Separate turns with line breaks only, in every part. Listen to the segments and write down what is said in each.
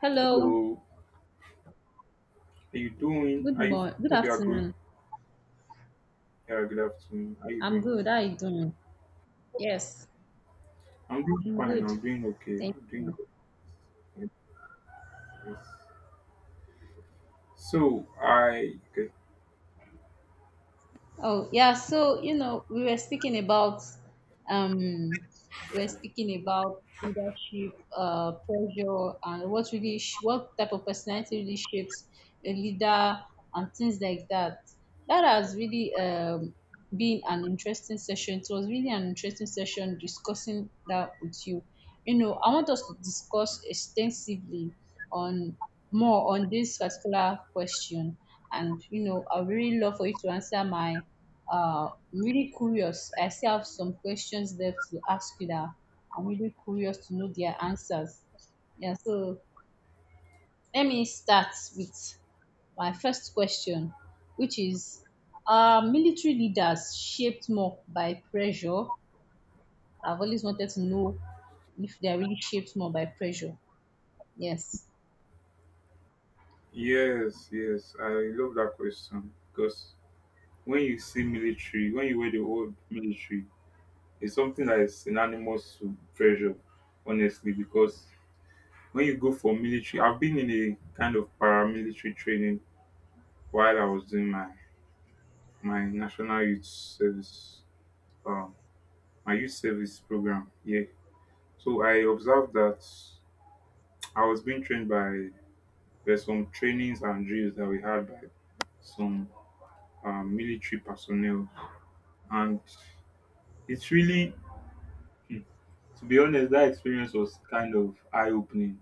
Hello.
Hello, how you doing?
Good
How you
morning. Good
hope you are good?
afternoon.
Yeah, good afternoon. How you
I'm
doing?
good. How are you doing? Yes,
I'm doing
I'm
fine.
good.
I'm doing okay.
Thank
I'm doing
you.
okay. So I okay.
Oh, yeah. So, you know, we were speaking about um we were speaking about leadership, pressure and what really what type of personality really shapes a leader and things like that. That has really been an interesting session. It was really an interesting session discussing that with you. You know, I want us to discuss extensively on more on this particular question, and you know, I would really love for you to answer my really curious. I still have some questions there to ask you that I'm really curious to know their answers. Yeah, so let me start with my first question, which is, are military leaders shaped more by pressure? I've always wanted to know if they're really shaped more by pressure. Yes.
Yes, yes, I love that question because when you wear the word military, it's something that is synonymous to pressure, honestly. Because when you go for military, I've been in a kind of paramilitary training while I was doing my national youth service. um my youth service program. Yeah. So I observed that I was being trained by there's some trainings and drills that we had by some military personnel, and it's really, hmm, to be honest, that experience was kind of eye opening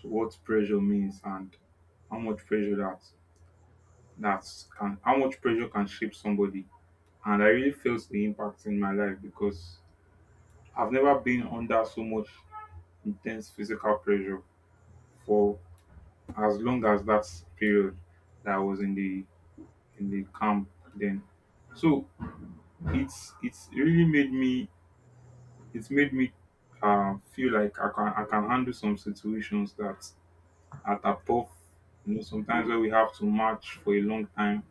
to what pressure means and how much pressure that how much pressure can shape somebody. And I really felt the impact in my life because I've never been under so much intense physical pressure for as long as that period that I was in the camp then. So it's really made me, it's made me feel like I can handle some situations that at a tough, you know, sometimes where we have to march for a long time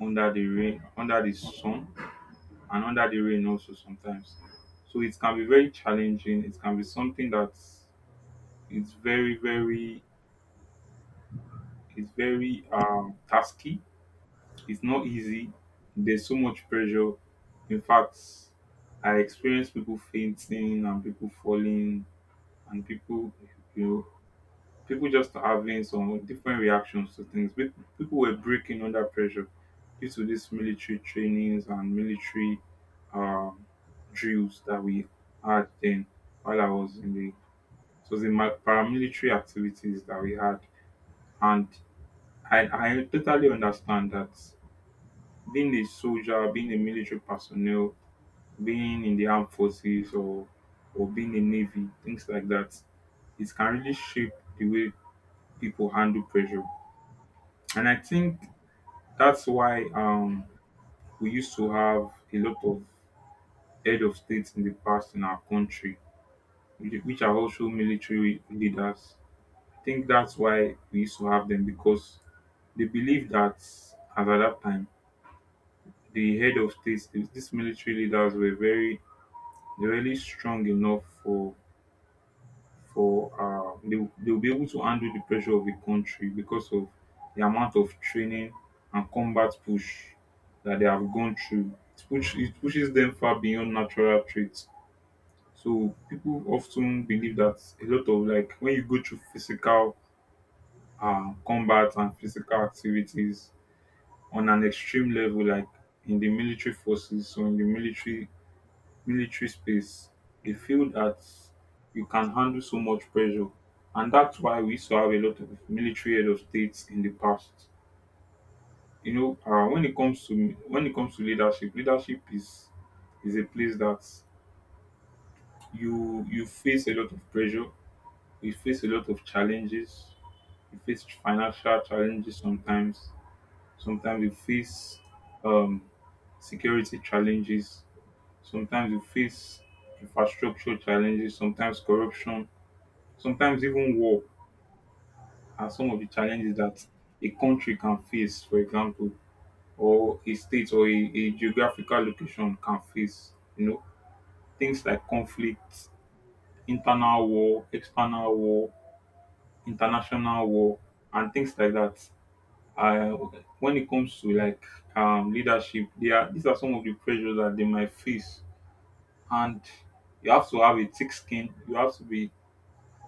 under the rain, under the sun, and under the rain also sometimes. So it can be very challenging. It can be something that it's very, very, it's very tasky. It's not easy. There's so much pressure. In fact, I experienced people fainting and people falling and you know, people just having some different reactions to things. People were breaking under pressure due to these military trainings and military um, drills that we had then while I was in the it was in my paramilitary activities that we had, and I I totally understand that being a soldier, being a military personnel, being in the armed forces or being a navy, things like that. It can really shape the way people handle pressure. And I think that's why we used to have a lot of head of states in the past in our country, which are also military leaders. I think that's why we used to have them because they believed that at that time, the head of states, these military leaders were very They're really strong enough for for they will be able to handle the pressure of the country because of the amount of training and combat push that they have gone through. It pushes them far beyond natural traits. So people often believe that a lot of, like, when you go through physical combat and physical activities on an extreme level, like in the military forces or in the military space. They feel that you can handle so much pressure. And that's why we used to have a lot of military head of states in the past. You know, when it comes to leadership, leadership is a place that you face a lot of pressure, you face a lot of challenges, you face financial challenges sometimes. Sometimes you face um, security challenges. Sometimes you face infrastructure challenges. Sometimes corruption, sometimes even war, are some of the challenges that a country can face, for example, or a state or a geographical location can face. You know, things like conflict, internal war, external war, international war, and things like that. Uh, when it comes to, like, leadership, these are some of the pressures that they might face, and you have to have a thick skin. You have to be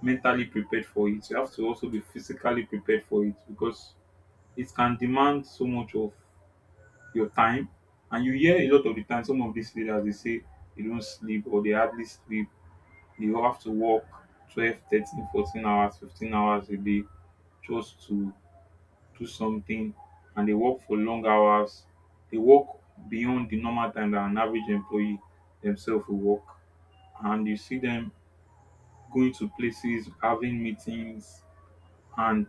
mentally prepared for it. You have to also be physically prepared for it because it can demand so much of your time. And you hear a lot of the time some of these leaders, they say they don't sleep or they hardly sleep. They have to work 12, 13, 14 hours, 15 hours a day just to do something, and they work for long hours. They work beyond the normal time that an average employee themselves will work. And you see them going to places, having meetings, and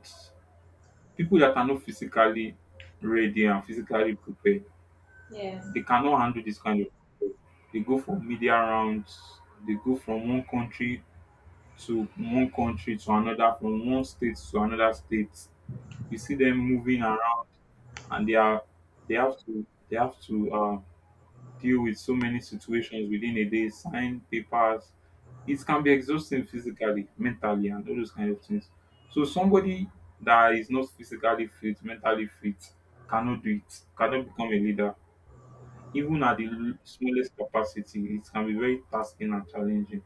people that are not physically ready and physically prepared,
Yes.
they cannot handle this kind of, they go for media rounds, they go from one country to another, from one state to another state. You see them moving around, and they are, they have to deal with so many situations within a day, sign papers. It can be exhausting physically, mentally, and all those kind of things. So somebody that is not physically fit, mentally fit, cannot do it, cannot become a leader even at the smallest capacity. It can be very tasking and challenging.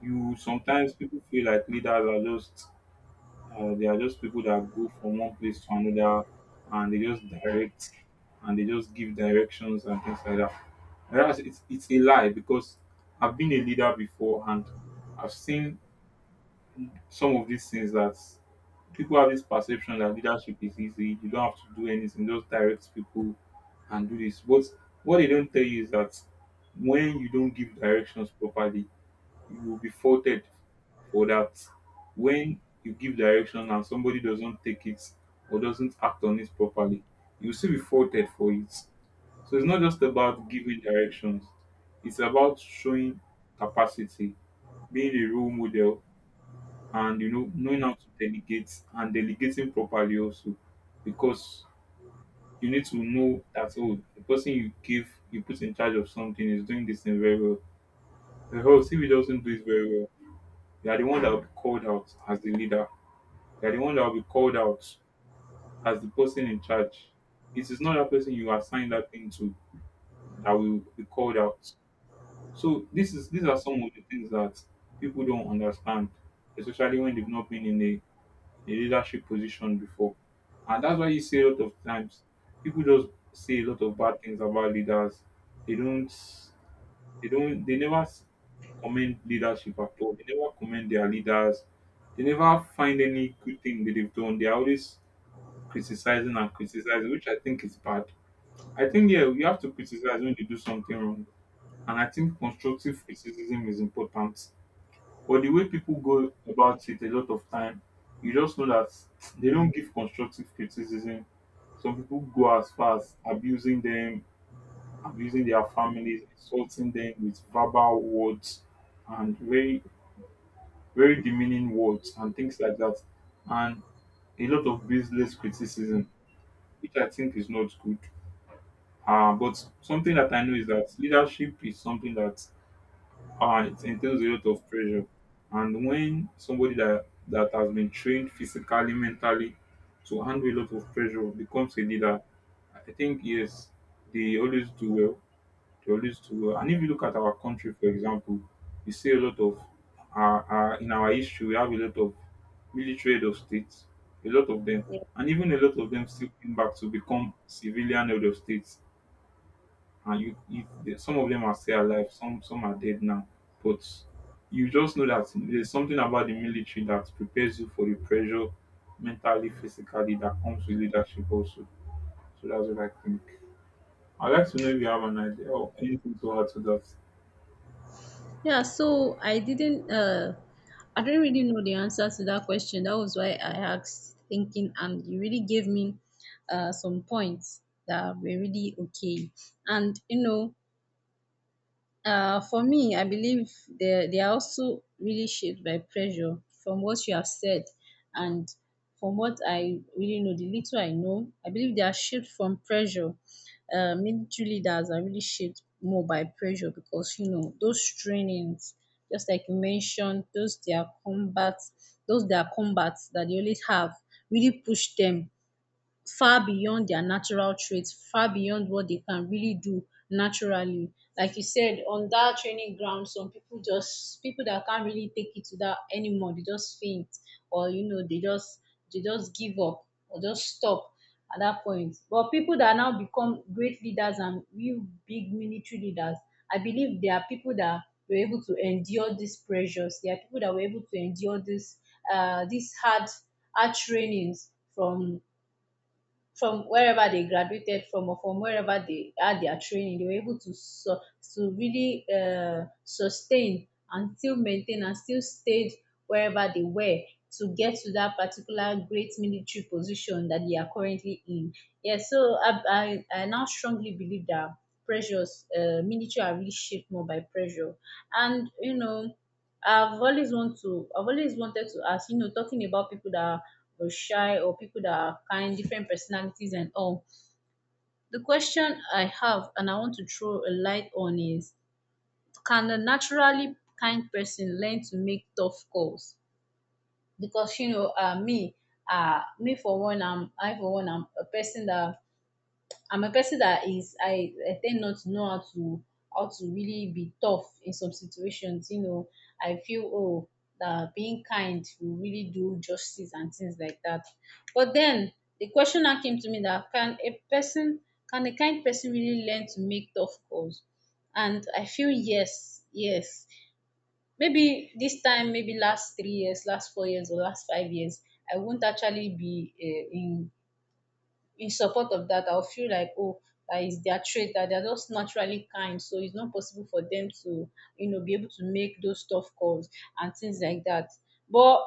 You Sometimes people feel like leaders are just they are just people that go from one place to another, and they just direct, and they just give directions and things like that. Whereas it's a lie, because I've been a leader before, and I've seen some of these things that people have this perception that leadership is easy. You don't have to do anything, just direct people and do this. But what they don't tell you is that when you don't give directions properly, you will be faulted for that. When you give direction and somebody doesn't take it or doesn't act on it properly, you'll still be faulted for it. So it's not just about giving directions, it's about showing capacity, being a role model, and, you know, knowing how to delegate and delegating properly also, because you need to know that, oh, the person you give, you put in charge of something is doing this thing very well, because if he doesn't do it very well, you are the one that will be called out as the leader. You are the one that will be called out as the person in charge. It is not that person you assign that thing to that will be called out. So this is these are some of the things that people don't understand, especially when they've not been in a in leadership position before. And that's why you see a lot of times people just say a lot of bad things about leaders. They don't they don't they never s- commend leadership at all. They never commend their leaders. They never find any good thing that they've done. They're always criticizing and criticizing, which I think is bad. I think, yeah, you have to criticize when you do something wrong. And I think constructive criticism is important, but the way people go about it a lot of time, you just know that they don't give constructive criticism. Some people go as far as abusing them, abusing their families, insulting them with verbal words, and very, very demeaning words and things like that. And a lot of baseless criticism, which I think is not good. But something that I know is that leadership is something that it entails a lot of pressure. And when somebody that has been trained physically, mentally to handle a lot of pressure becomes a leader, I think, yes, they always do well. They always do well. And if you look at our country, for example, you see a lot of, in our history, we have a lot of military head of states, a lot of them. And even a lot of them still came back to become civilian head of states, and some of them are still alive, some are dead now. But you just know that there's something about the military that prepares you for the pressure, mentally, physically, that comes with leadership also. So that's what I think. I'd like to know if you have an idea or anything to add to that.
Yeah, so I didn't really know the answer to that question. That was why I asked thinking, and you really gave me some points that were really okay. And, you know, for me, I believe they are also really shaped by pressure from what you have said and from what I really know, the little I know, I believe they are shaped from pressure. Military leaders are really shaped more by pressure because you know those trainings, just like you mentioned, those their combats that they always have really push them far beyond their natural traits, far beyond what they can really do naturally. Like you said, on that training ground, some people just people that can't really take it to that anymore, they just faint or you know, they just give up or just stop at that point. But people that now become great leaders and real big military leaders, I believe there are people that were able to endure these pressures. There are people that were able to endure this these hard hard trainings from wherever they graduated from or from wherever they had their training. They were able to to really sustain and still maintain and still stayed wherever they were to get to that particular great military position that they are currently in. Yeah, so I now strongly believe that pressures military are really shaped more by pressure. And you know, I've always wanted to ask, you know, talking about people that or shy or people that are kind, different personalities and all. The question I have and I want to throw a light on is, can a naturally kind person learn to make tough calls? Because you know, I'm a person that I'm a person that is I tend not to know how to really be tough in some situations. You know, I feel oh that being kind will really do justice and things like that. But then the question now came to me that can a kind person really learn to make tough calls? And I feel yes, yes. Maybe this time, maybe last 3 years, last 4 years, or last 5 years, I won't actually be in support of that. I'll feel like, oh, that is their trait, that they're just naturally kind. So it's not possible for them to, you know, be able to make those tough calls and things like that. But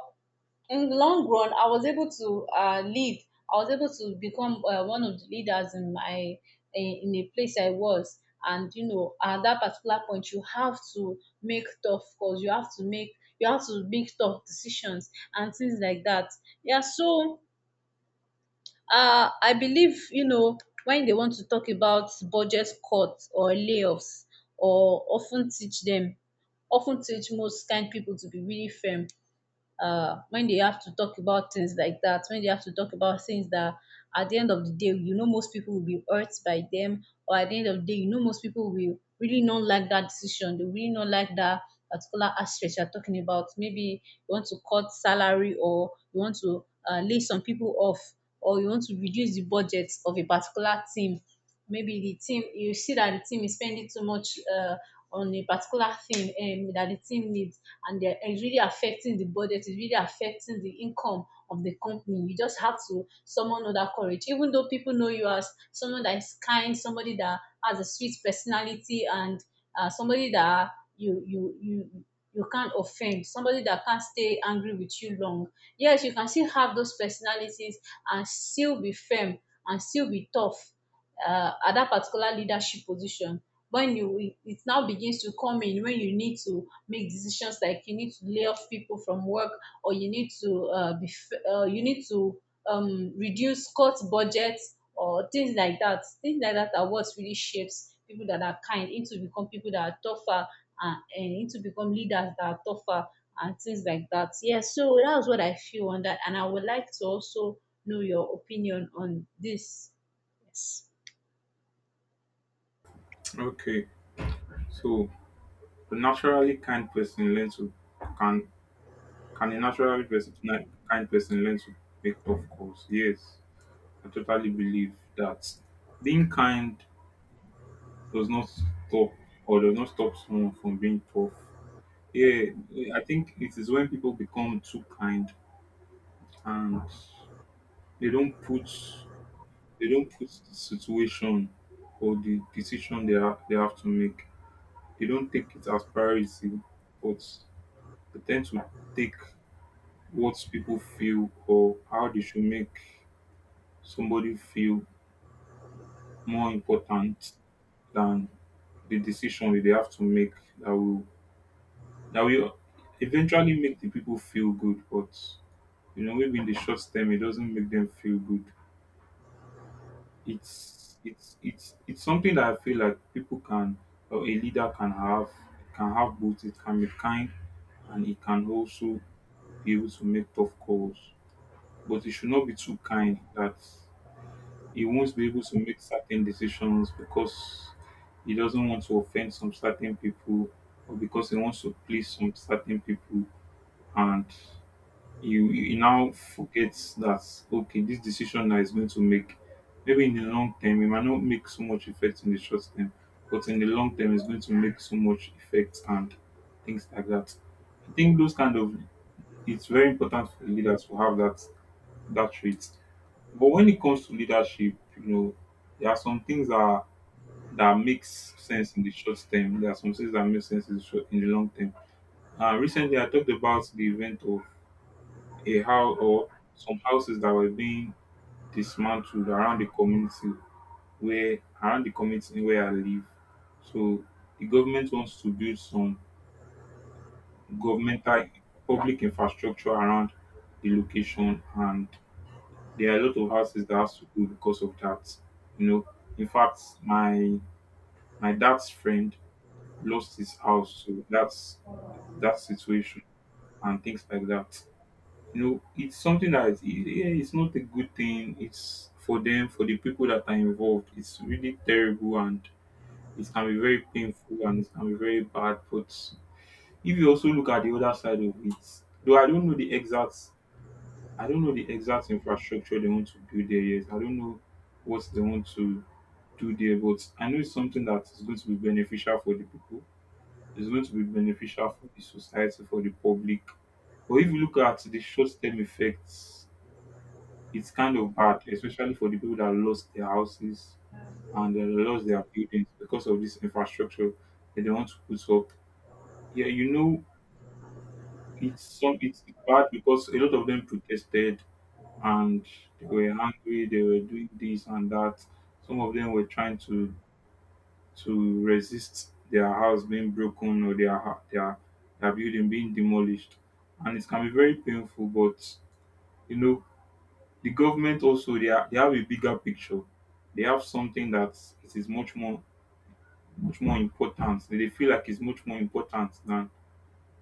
in the long run, I was able to lead. I was able to become one of the leaders in my in a place I was. And you know, at that particular point, you have to make tough calls. You have to make tough decisions and things like that. Yeah. So I believe wen dey want to tok about budget cuts or layoffs or of ten teach dem of ten teach most kain pipo to be really firm, when they have to talk about things like that, when they have to talk about things that at the end of the day, you know, most people will be hurt by them, or at the end of the day, you know, most people will really not like that decision. They really not like that particular aspect you're talking about. Maybe you want to cut salary, or you want to lay some people off, or you want to reduce the budget of a particular team. Maybe the team, you see that the team is spending too much on a particular thing that the team needs, and it's really affecting the budget, it's really affecting the income of the company. You just have to summon other courage. Even though people know you as someone that is kind, somebody that has a sweet personality and somebody that you you you you can't offend, somebody that can't stay angry with you long. Yes, you can still have those personalities and still be firm and still be tough at that particular leadership position when you. It now begins to come in when you need to make decisions, like you need to lay off people from work or you need to you need to reduce cut budgets or things like that. Things like that are what really shapes people that are kind into become people that are tougher and into become leaders that are tougher and things like that. Yeah, so that's what I feel on that, and I would like to also know your opinion on this. Yes.
Okay, so a naturally kind person learns to, can a kind person learn to make tough calls? Yes, I totally believe that being kind does not stop or does not stop someone from being tough. Yeah, I think it is when people become too kind and they don't put they don't put the situation or the decision they have to make. They don't take it as priority, but they tend to take what people feel or how they should make somebody feel more important than the decision that they have to make that will that will eventually make the people feel good, but, you know, maybe in the short term it doesn't make them feel good. It's something that I feel like people can, or a leader can have both. It can be kind, and it can also be able to make tough calls. But it should not be too kind that he won't be able to make certain decisions because he doesn't want to offend some certain people or because he wants to please some certain people and you now forget that okay this decision that is going to make maybe in the long term it might not make so much effect in the short term, but in the long term it's going to make so much effect and things like that. I think those kind of, it's very important for leaders to have that trait. But when it comes to leadership, you know, there are some things that makes sense in the short term. There are some things that make sense in the, short, in the long term. Recently, I talked about the event of a house or some houses that were being dismantled around the community, where around the community where I live. So the government wants to build some governmental public infrastructure around the location, and there are a lot of houses that has to go because of that. You know, in fact, my dad's friend lost his house, so that's that situation and things like that. You know, it's something that is- yeah, it's not a good thing. It's for them, for the people that are involved, it's really terrible and it can be very painful and it can be very bad. But if you also look at the other side of it, though I don't know the exact, I don't know the exact infrastructure they want to build there yet. I don't know what they want to do there, but I know it's something that is going to be beneficial for the people. It's going to be beneficial for the society, for the public. But if you look at the short term effects, it's kind of bad, especially for the people that lost their houses and they lost their buildings because of this infrastructure that they want to put up. Yeah, you know, it's some it's bad because a lot of them protested and they were angry. They were doing this and that. Some of them were trying to resist their house being broken or their building being demolished, and it can be very painful. But you know, the government also, they, are, they have a bigger picture. They have something that it is much more important. They feel like it's much more important than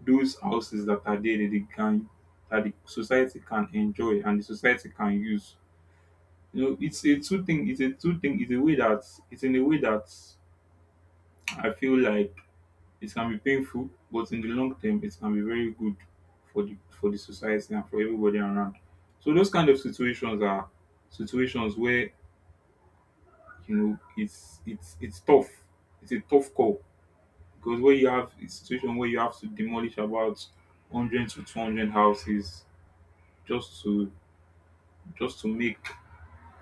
those houses that are there, that they can that the society can enjoy and the society can use. You know, it's a two thing. It's a two thing. It's a way that it's in a way that I feel like it can be painful, but in the long term, it can be very good for the society and for everybody around. So those kind of situations are situations where, you know, it's tough. It's a tough call because when you have a situation where you have to demolish about 100 to 200 houses just to make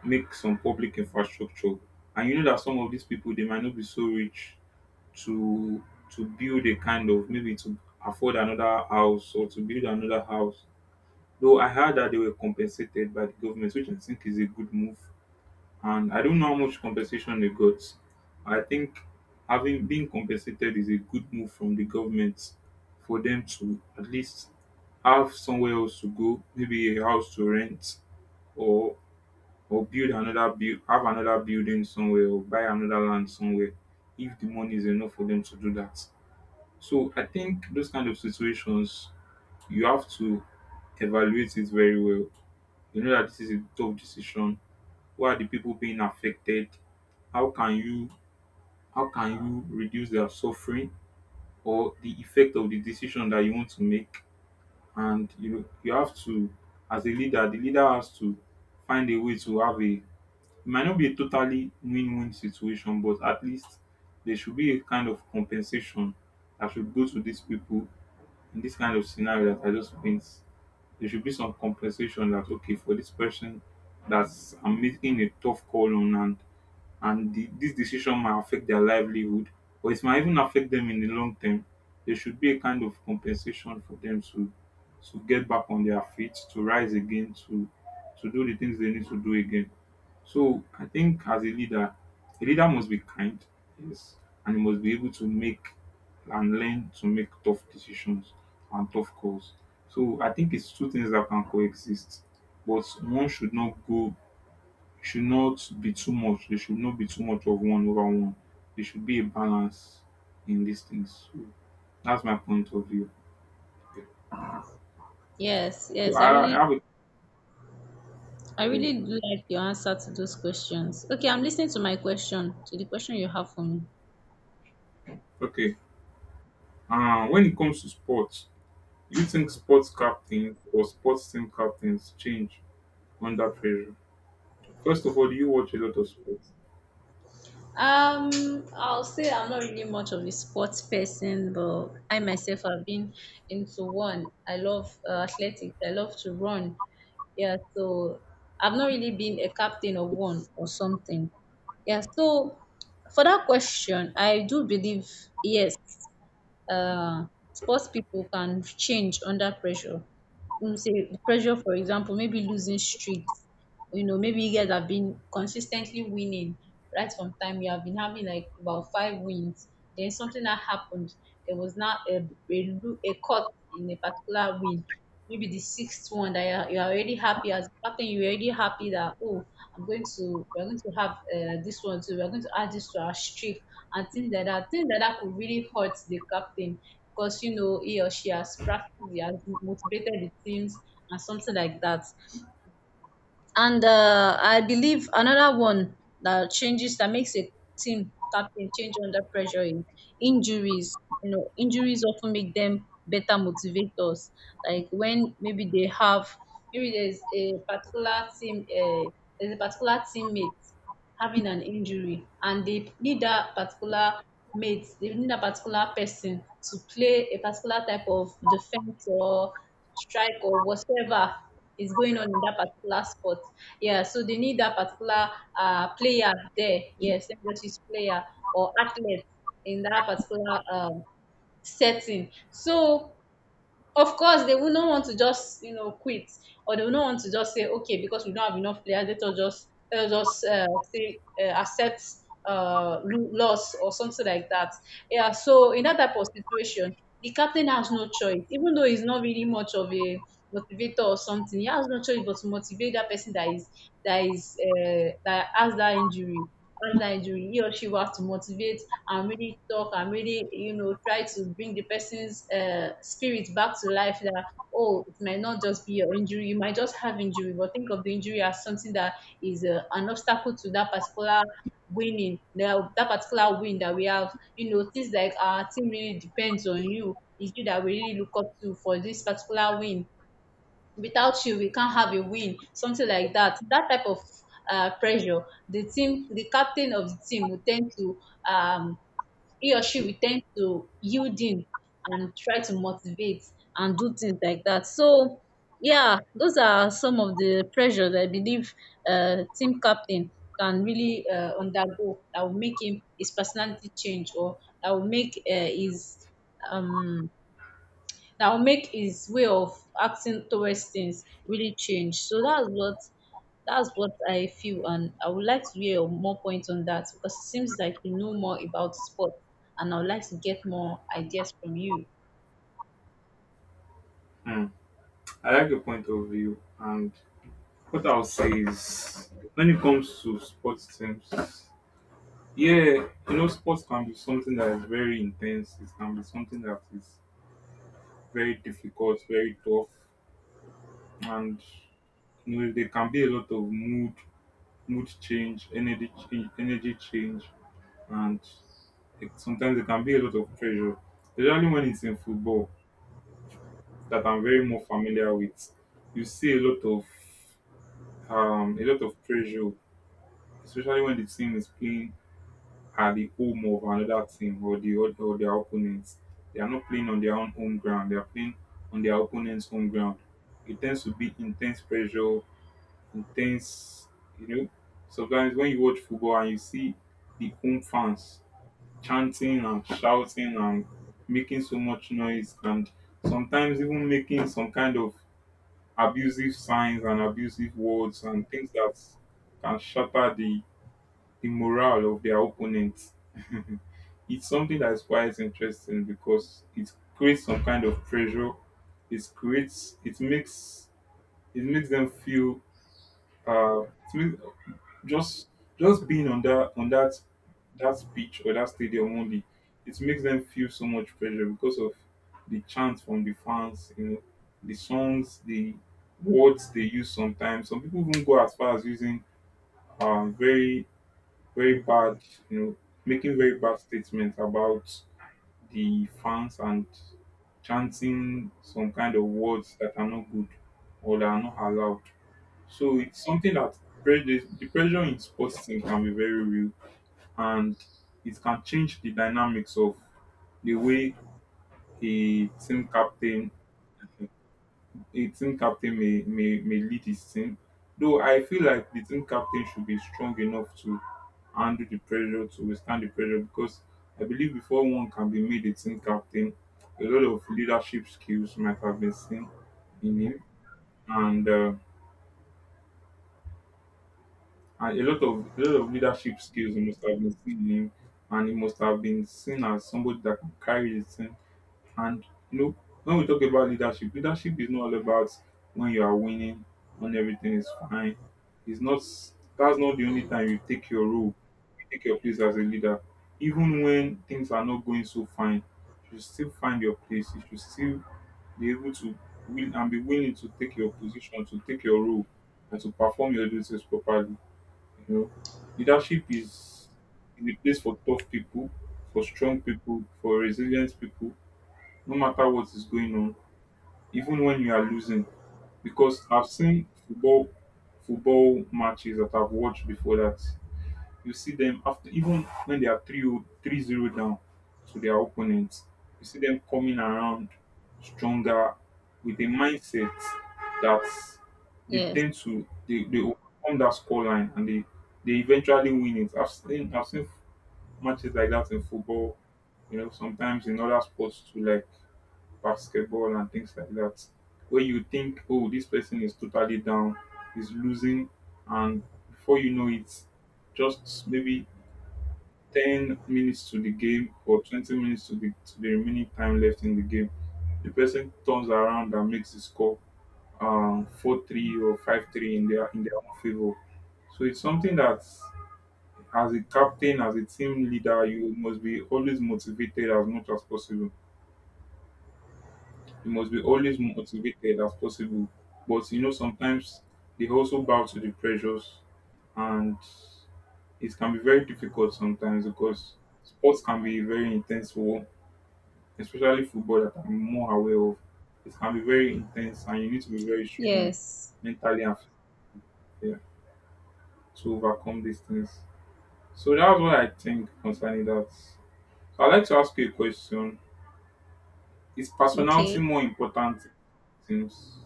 some public infrastructure, and you know that some of these people, they might not be so rich to build a kind of, maybe to afford another house or to build another house. Though I heard that they were compensated by the government, which I think is a good move. And I don't know how much compensation they got. I think having been compensated is a good move from the government for them to at least have somewhere else to go, maybe a house to rent or or build another build have another building somewhere or buy another land somewhere if the money is enough for them to do that. So I think those kind of situations, you have to evaluate it very well. You know that this is a tough decision. Who are the people being affected? How can you how can reduce their suffering or the effect of the decision that you want to make? And you know, you have to, as a leader, the leader has to find a way to have a, it might not be a totally win-win situation, but at least there should be a kind of compensation that should go to these people. In this kind of scenario that I just paint, there should be some compensation that, okay, for this person that's I'm making a tough call on, and the, this decision might affect their livelihood or it might even affect them in the long term. There should be a kind of compensation for them to get back on their feet, to rise again, to do the things they need to do again. So I think as a leader must be kind, yes, and he must be able to make and learn to make tough decisions and tough calls. So I think it's two things that can coexist, but one should not go should not be too much. There should not be too much of one over one. There should be a balance in these things. So that's my point of view.
Yes.
So
Yes,
I have a,
I
yeah.
really do like your answer to those questions. Okay, I'm listening to my question, to the question you have for me.
Okay. When it comes to sports, do you think sports captains or sports team captains change under pressure? First of all, do you watch a lot of sports?
I'll say I'm not really much of a sports person, but I myself have been into one. I love athletics. I love to run. Yeah, so I've not really been a captain of one or something. Yeah, so for that question, I do believe yes. um Sports people can change under pressure. Mean sey pressure, for example, maybe losing streaks. You know, maybe you guys have been consistently winning right from time. You have been having like about five wins. Then something that happened. There was now a cut in a particular win. Maybe the sixth one that you're already happy as captain. You're already happy that oh, I'm going to we're going to have this one too. We're going to add this to our streak and things like that. Things like that could really hurt the captain because you know he or she has practiced, he has motivated the teams and something like that. And I believe another one that changes that makes a team captain change under pressure is injuries. You know, injuries often make them better motivators. Like when maybe they have maybe there's there's a particular teammate having an injury, and they need that particular mate, they need that particular person to play a particular type of defense or strike or whatever is going on in that particular sport. Yeah, so they need that particular player there. Yes, let me just use player or athlete in that particular setting. So of course, they will not want to just, you know, quit, or they will not want to just say, "Okay, because we don't have enough players, let us just say accept loss or something like that." Yeah. So in that type of situation, the captain has no choice, even though he's not really much of a motivator or something. He has no choice but to motivate that person that is that has that injury. What can I do? He or she will have to motivate and really talk and really, you know, try to bring the person's spirit back to life that, oh, it might not just be your injury. You might just have injury, but think of the injury as something that is an obstacle to that particular that particular win that we have. You know, things like our team really depends on you. It's you that we really look up to for this particular win. Without you, we can't have a win, something like that. That type of pressure, the captain of the team will tend to um, he or she will tend to yield in and try to motivate and do things like that. So yeah, those are some of the pressures I believe team captain can really undergo that will make him his personality change, or that will make his um that will make his way of acting towards things really change. So that's what I feel, and I would like to hear your more points on that because it seems like you know more about sports, and I would like to get more ideas from you.
Hmm. I like your point of view, and what I'll say is when it comes to sports teams. Yeah, you know, sports can be something that is very intense. It can be something that is very difficult, very tough, and you know, there can be a lot of mood, mood change, energy change, and it, sometimes there can be a lot of pressure. Especially when it's in football, that I'm very more familiar with, you see a lot of pressure, especially when the team is playing are the home of another team or the other or their opponents. They are not playing on their own home ground. They are playing on their opponent's home ground. It tends to be intense pressure, intense. You know, sometimes when you watch football and you see the home fans chanting and shouting and making so much noise and sometimes even making some kind of abusive signs and abusive words and things that can shatter the morale of their opponents. It's something that's quite interesting because it creates some kind of pressure. It creates it makes them feel uh it makes, just being on that pitch or that stadium only, it makes them feel so much pressure because of the chants from the fans, you know, the songs, the words they use sometimes. Some people even go as far as using very bad, you know, making very bad statements about the fans and chanting some kind of words that are not good or that are not allowed. So it's something that the pressure in sports team can be very real and it can change the dynamics of the way a team captain a team captain may lead his team, though I feel like the team captain should be strong enough to handle the pressure, to withstand the pressure, because I believe before one can be made a team captain, a lot of leadership skills might have been seen in him, and, uh, and a lot of leadership skills must have been seen in him, and he must have been seen as somebody that can carry the team. And you know, when we talk about leadership, leadership is not all about when you are winning, when everything is fine. It's not, that's not the only time you take your role, you take your place as a leader. Even when things are not going so fine, you should still find your place. You should still be able to win and be willing to take your position, to take your role, and to perform your duties properly. You know, leadership is a place for tough people, for strong people, for resilient people, no matter what is going on, even when you are losing. Because I've seen football matches that I've watched before that you see them after, even when they are 3-0 3 zero down to their opponents, you see them coming around stronger with a mindset that
Yes.
they overcome that scoreline and they eventually win it. I've seen matches like that in football, you know, sometimes in other sports too, like basketball and things like that, where you think, oh, this person is totally down, is losing, and before you know it, just maybe 10 minutes to the game or 20 minutes to the remaining time left in the game, the person turns around and makes the score 4-3 or 5-3 in their own favor. So it's something that, as a captain, as a team leader, you must be always motivated as much as possible. You must be always motivated as possible. But you know, sometimes they also bow to the pressures, and it can be very difficult sometimes because sports can be very intense for, especially football that I'm more aware of. It can be very intense, and you need to be very strong
Yes.
mentally and physically to overcome these things. So that's what I think concerning that. So I'd like to ask you a question. Is personality
Okay.
more important in teams?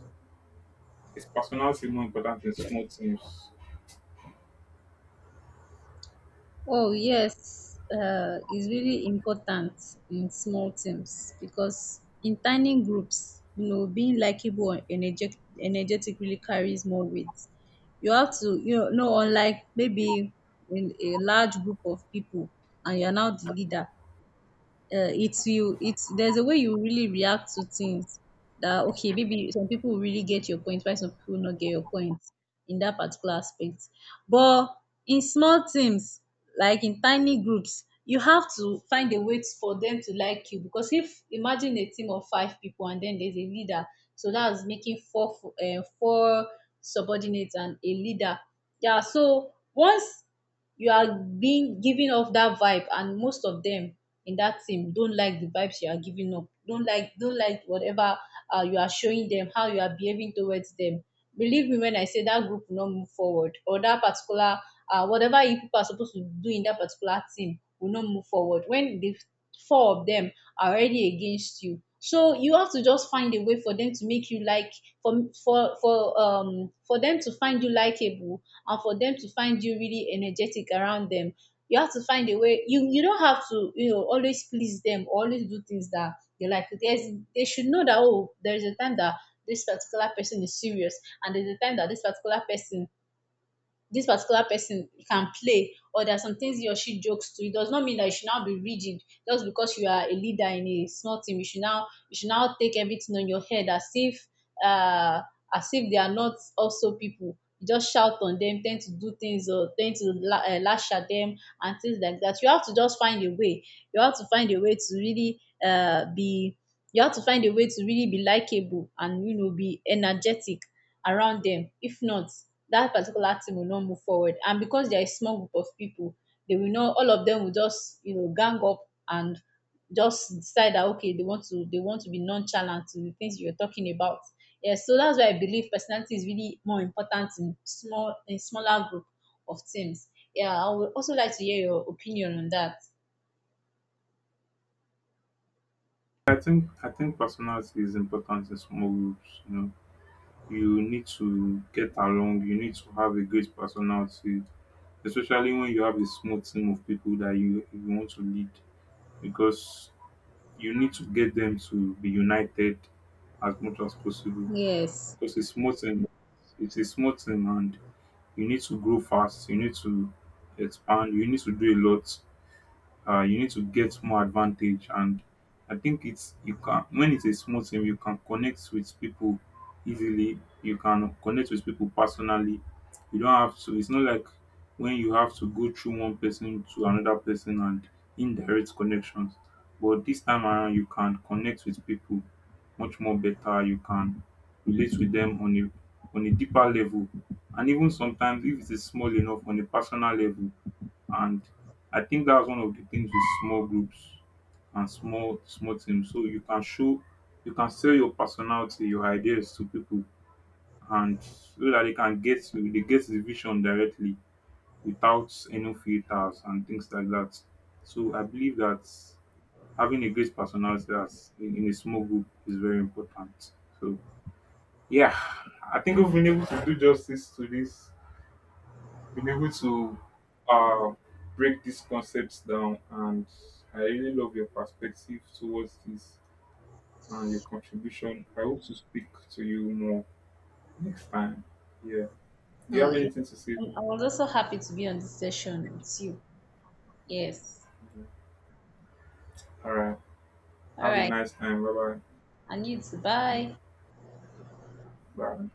Is personality more important in small teams?
Oh yes, it's really important in small teams because in tiny groups, you know, being likable and energetic really carries more weight. You have to, you know, no, unlike maybe in a large group of people and you're now the leader, it's you it's there's a way you really react to things that okay, maybe some people will really get your point why some people will not get your point in that particular aspect. But in small teams, like in tiny groups, you have to find a way for them to like you, because if imagine a team of five people and then there's a leader, so that's making four, four subordinates and a leader. Yeah, so once you are being giving off that vibe and most of them in that team don't like the vibes you are giving up, don't like, whatever you are showing them, how you are behaving towards them, believe me when I say that group will not move forward, or that particular, whatever you people are supposed to do in that particular team will not move forward when the four of them are already against you. So you have to just find a way for them to make you like, for them to find you likable and for them to find you really energetic around them. You have to find a way. You don't have to, you know, always please them or always do things that they like. There's, they should know that, oh, there is a time that this particular person is serious, and there's a time that this particular person can play, or there are some things he or she jokes to. It does not mean that you should now be rigid just because you are a leader in a small team. You should now, take everything on your head uh as if they are not also people. You just shout on them, tend to do things, or tend to lash at them and things like that. You have to just find a way. You have to find a way to really be, you have to find a way to really be likable, and you know, be energetic around them. If not, that particular team will not move forward. And because they're a small group of people, they will not, all of them will just, you know, gang up and just decide that okay, they want to, they want to be nonchalant to the things you're talking about. Yeah, so that's why I believe personality is really more important in smaller group of teams. Yeah, I would also like to hear your opinion on that.
I think personality is important in small groups. You know, you need to get along. You need to have a great personality, especially when you have a small team of people that you want to lead, because you need to get them to be united as much as possible.
Yes.
Because it's small team, it's a small team, and you need to grow fast. You need to expand. You need to do a lot, you need to get more advantage. And I think it's, you can, when it's a small team, you can connect with people easily. You can connect with people personally. You don't have to, it's not like when you have to go through one person to another person and indirect connections, but this time around you can connect with people much more better. You can relate with them on a deeper level, and even sometimes if it is small enough, on a personal level. And I think that's one of the things with small groups and small teams. So you can show, you can sell your personality, your ideas to people, and so that they can get the vision directly without any filters and things like that. So I believe that having a great personality that's in a small group is very important. So yeah, I think we've been able to do justice to this, been able to, uh, break these concepts down, and I really love your perspective towards this and your contribution. I hope to speak to you more next time. Yeah. Do you have
Yeah.
anything to say?
I was also happy to be on this session with you. Yes.
All right.
All
Have a
right.
nice time. Bye
I need to
bye.
bye.
Bye.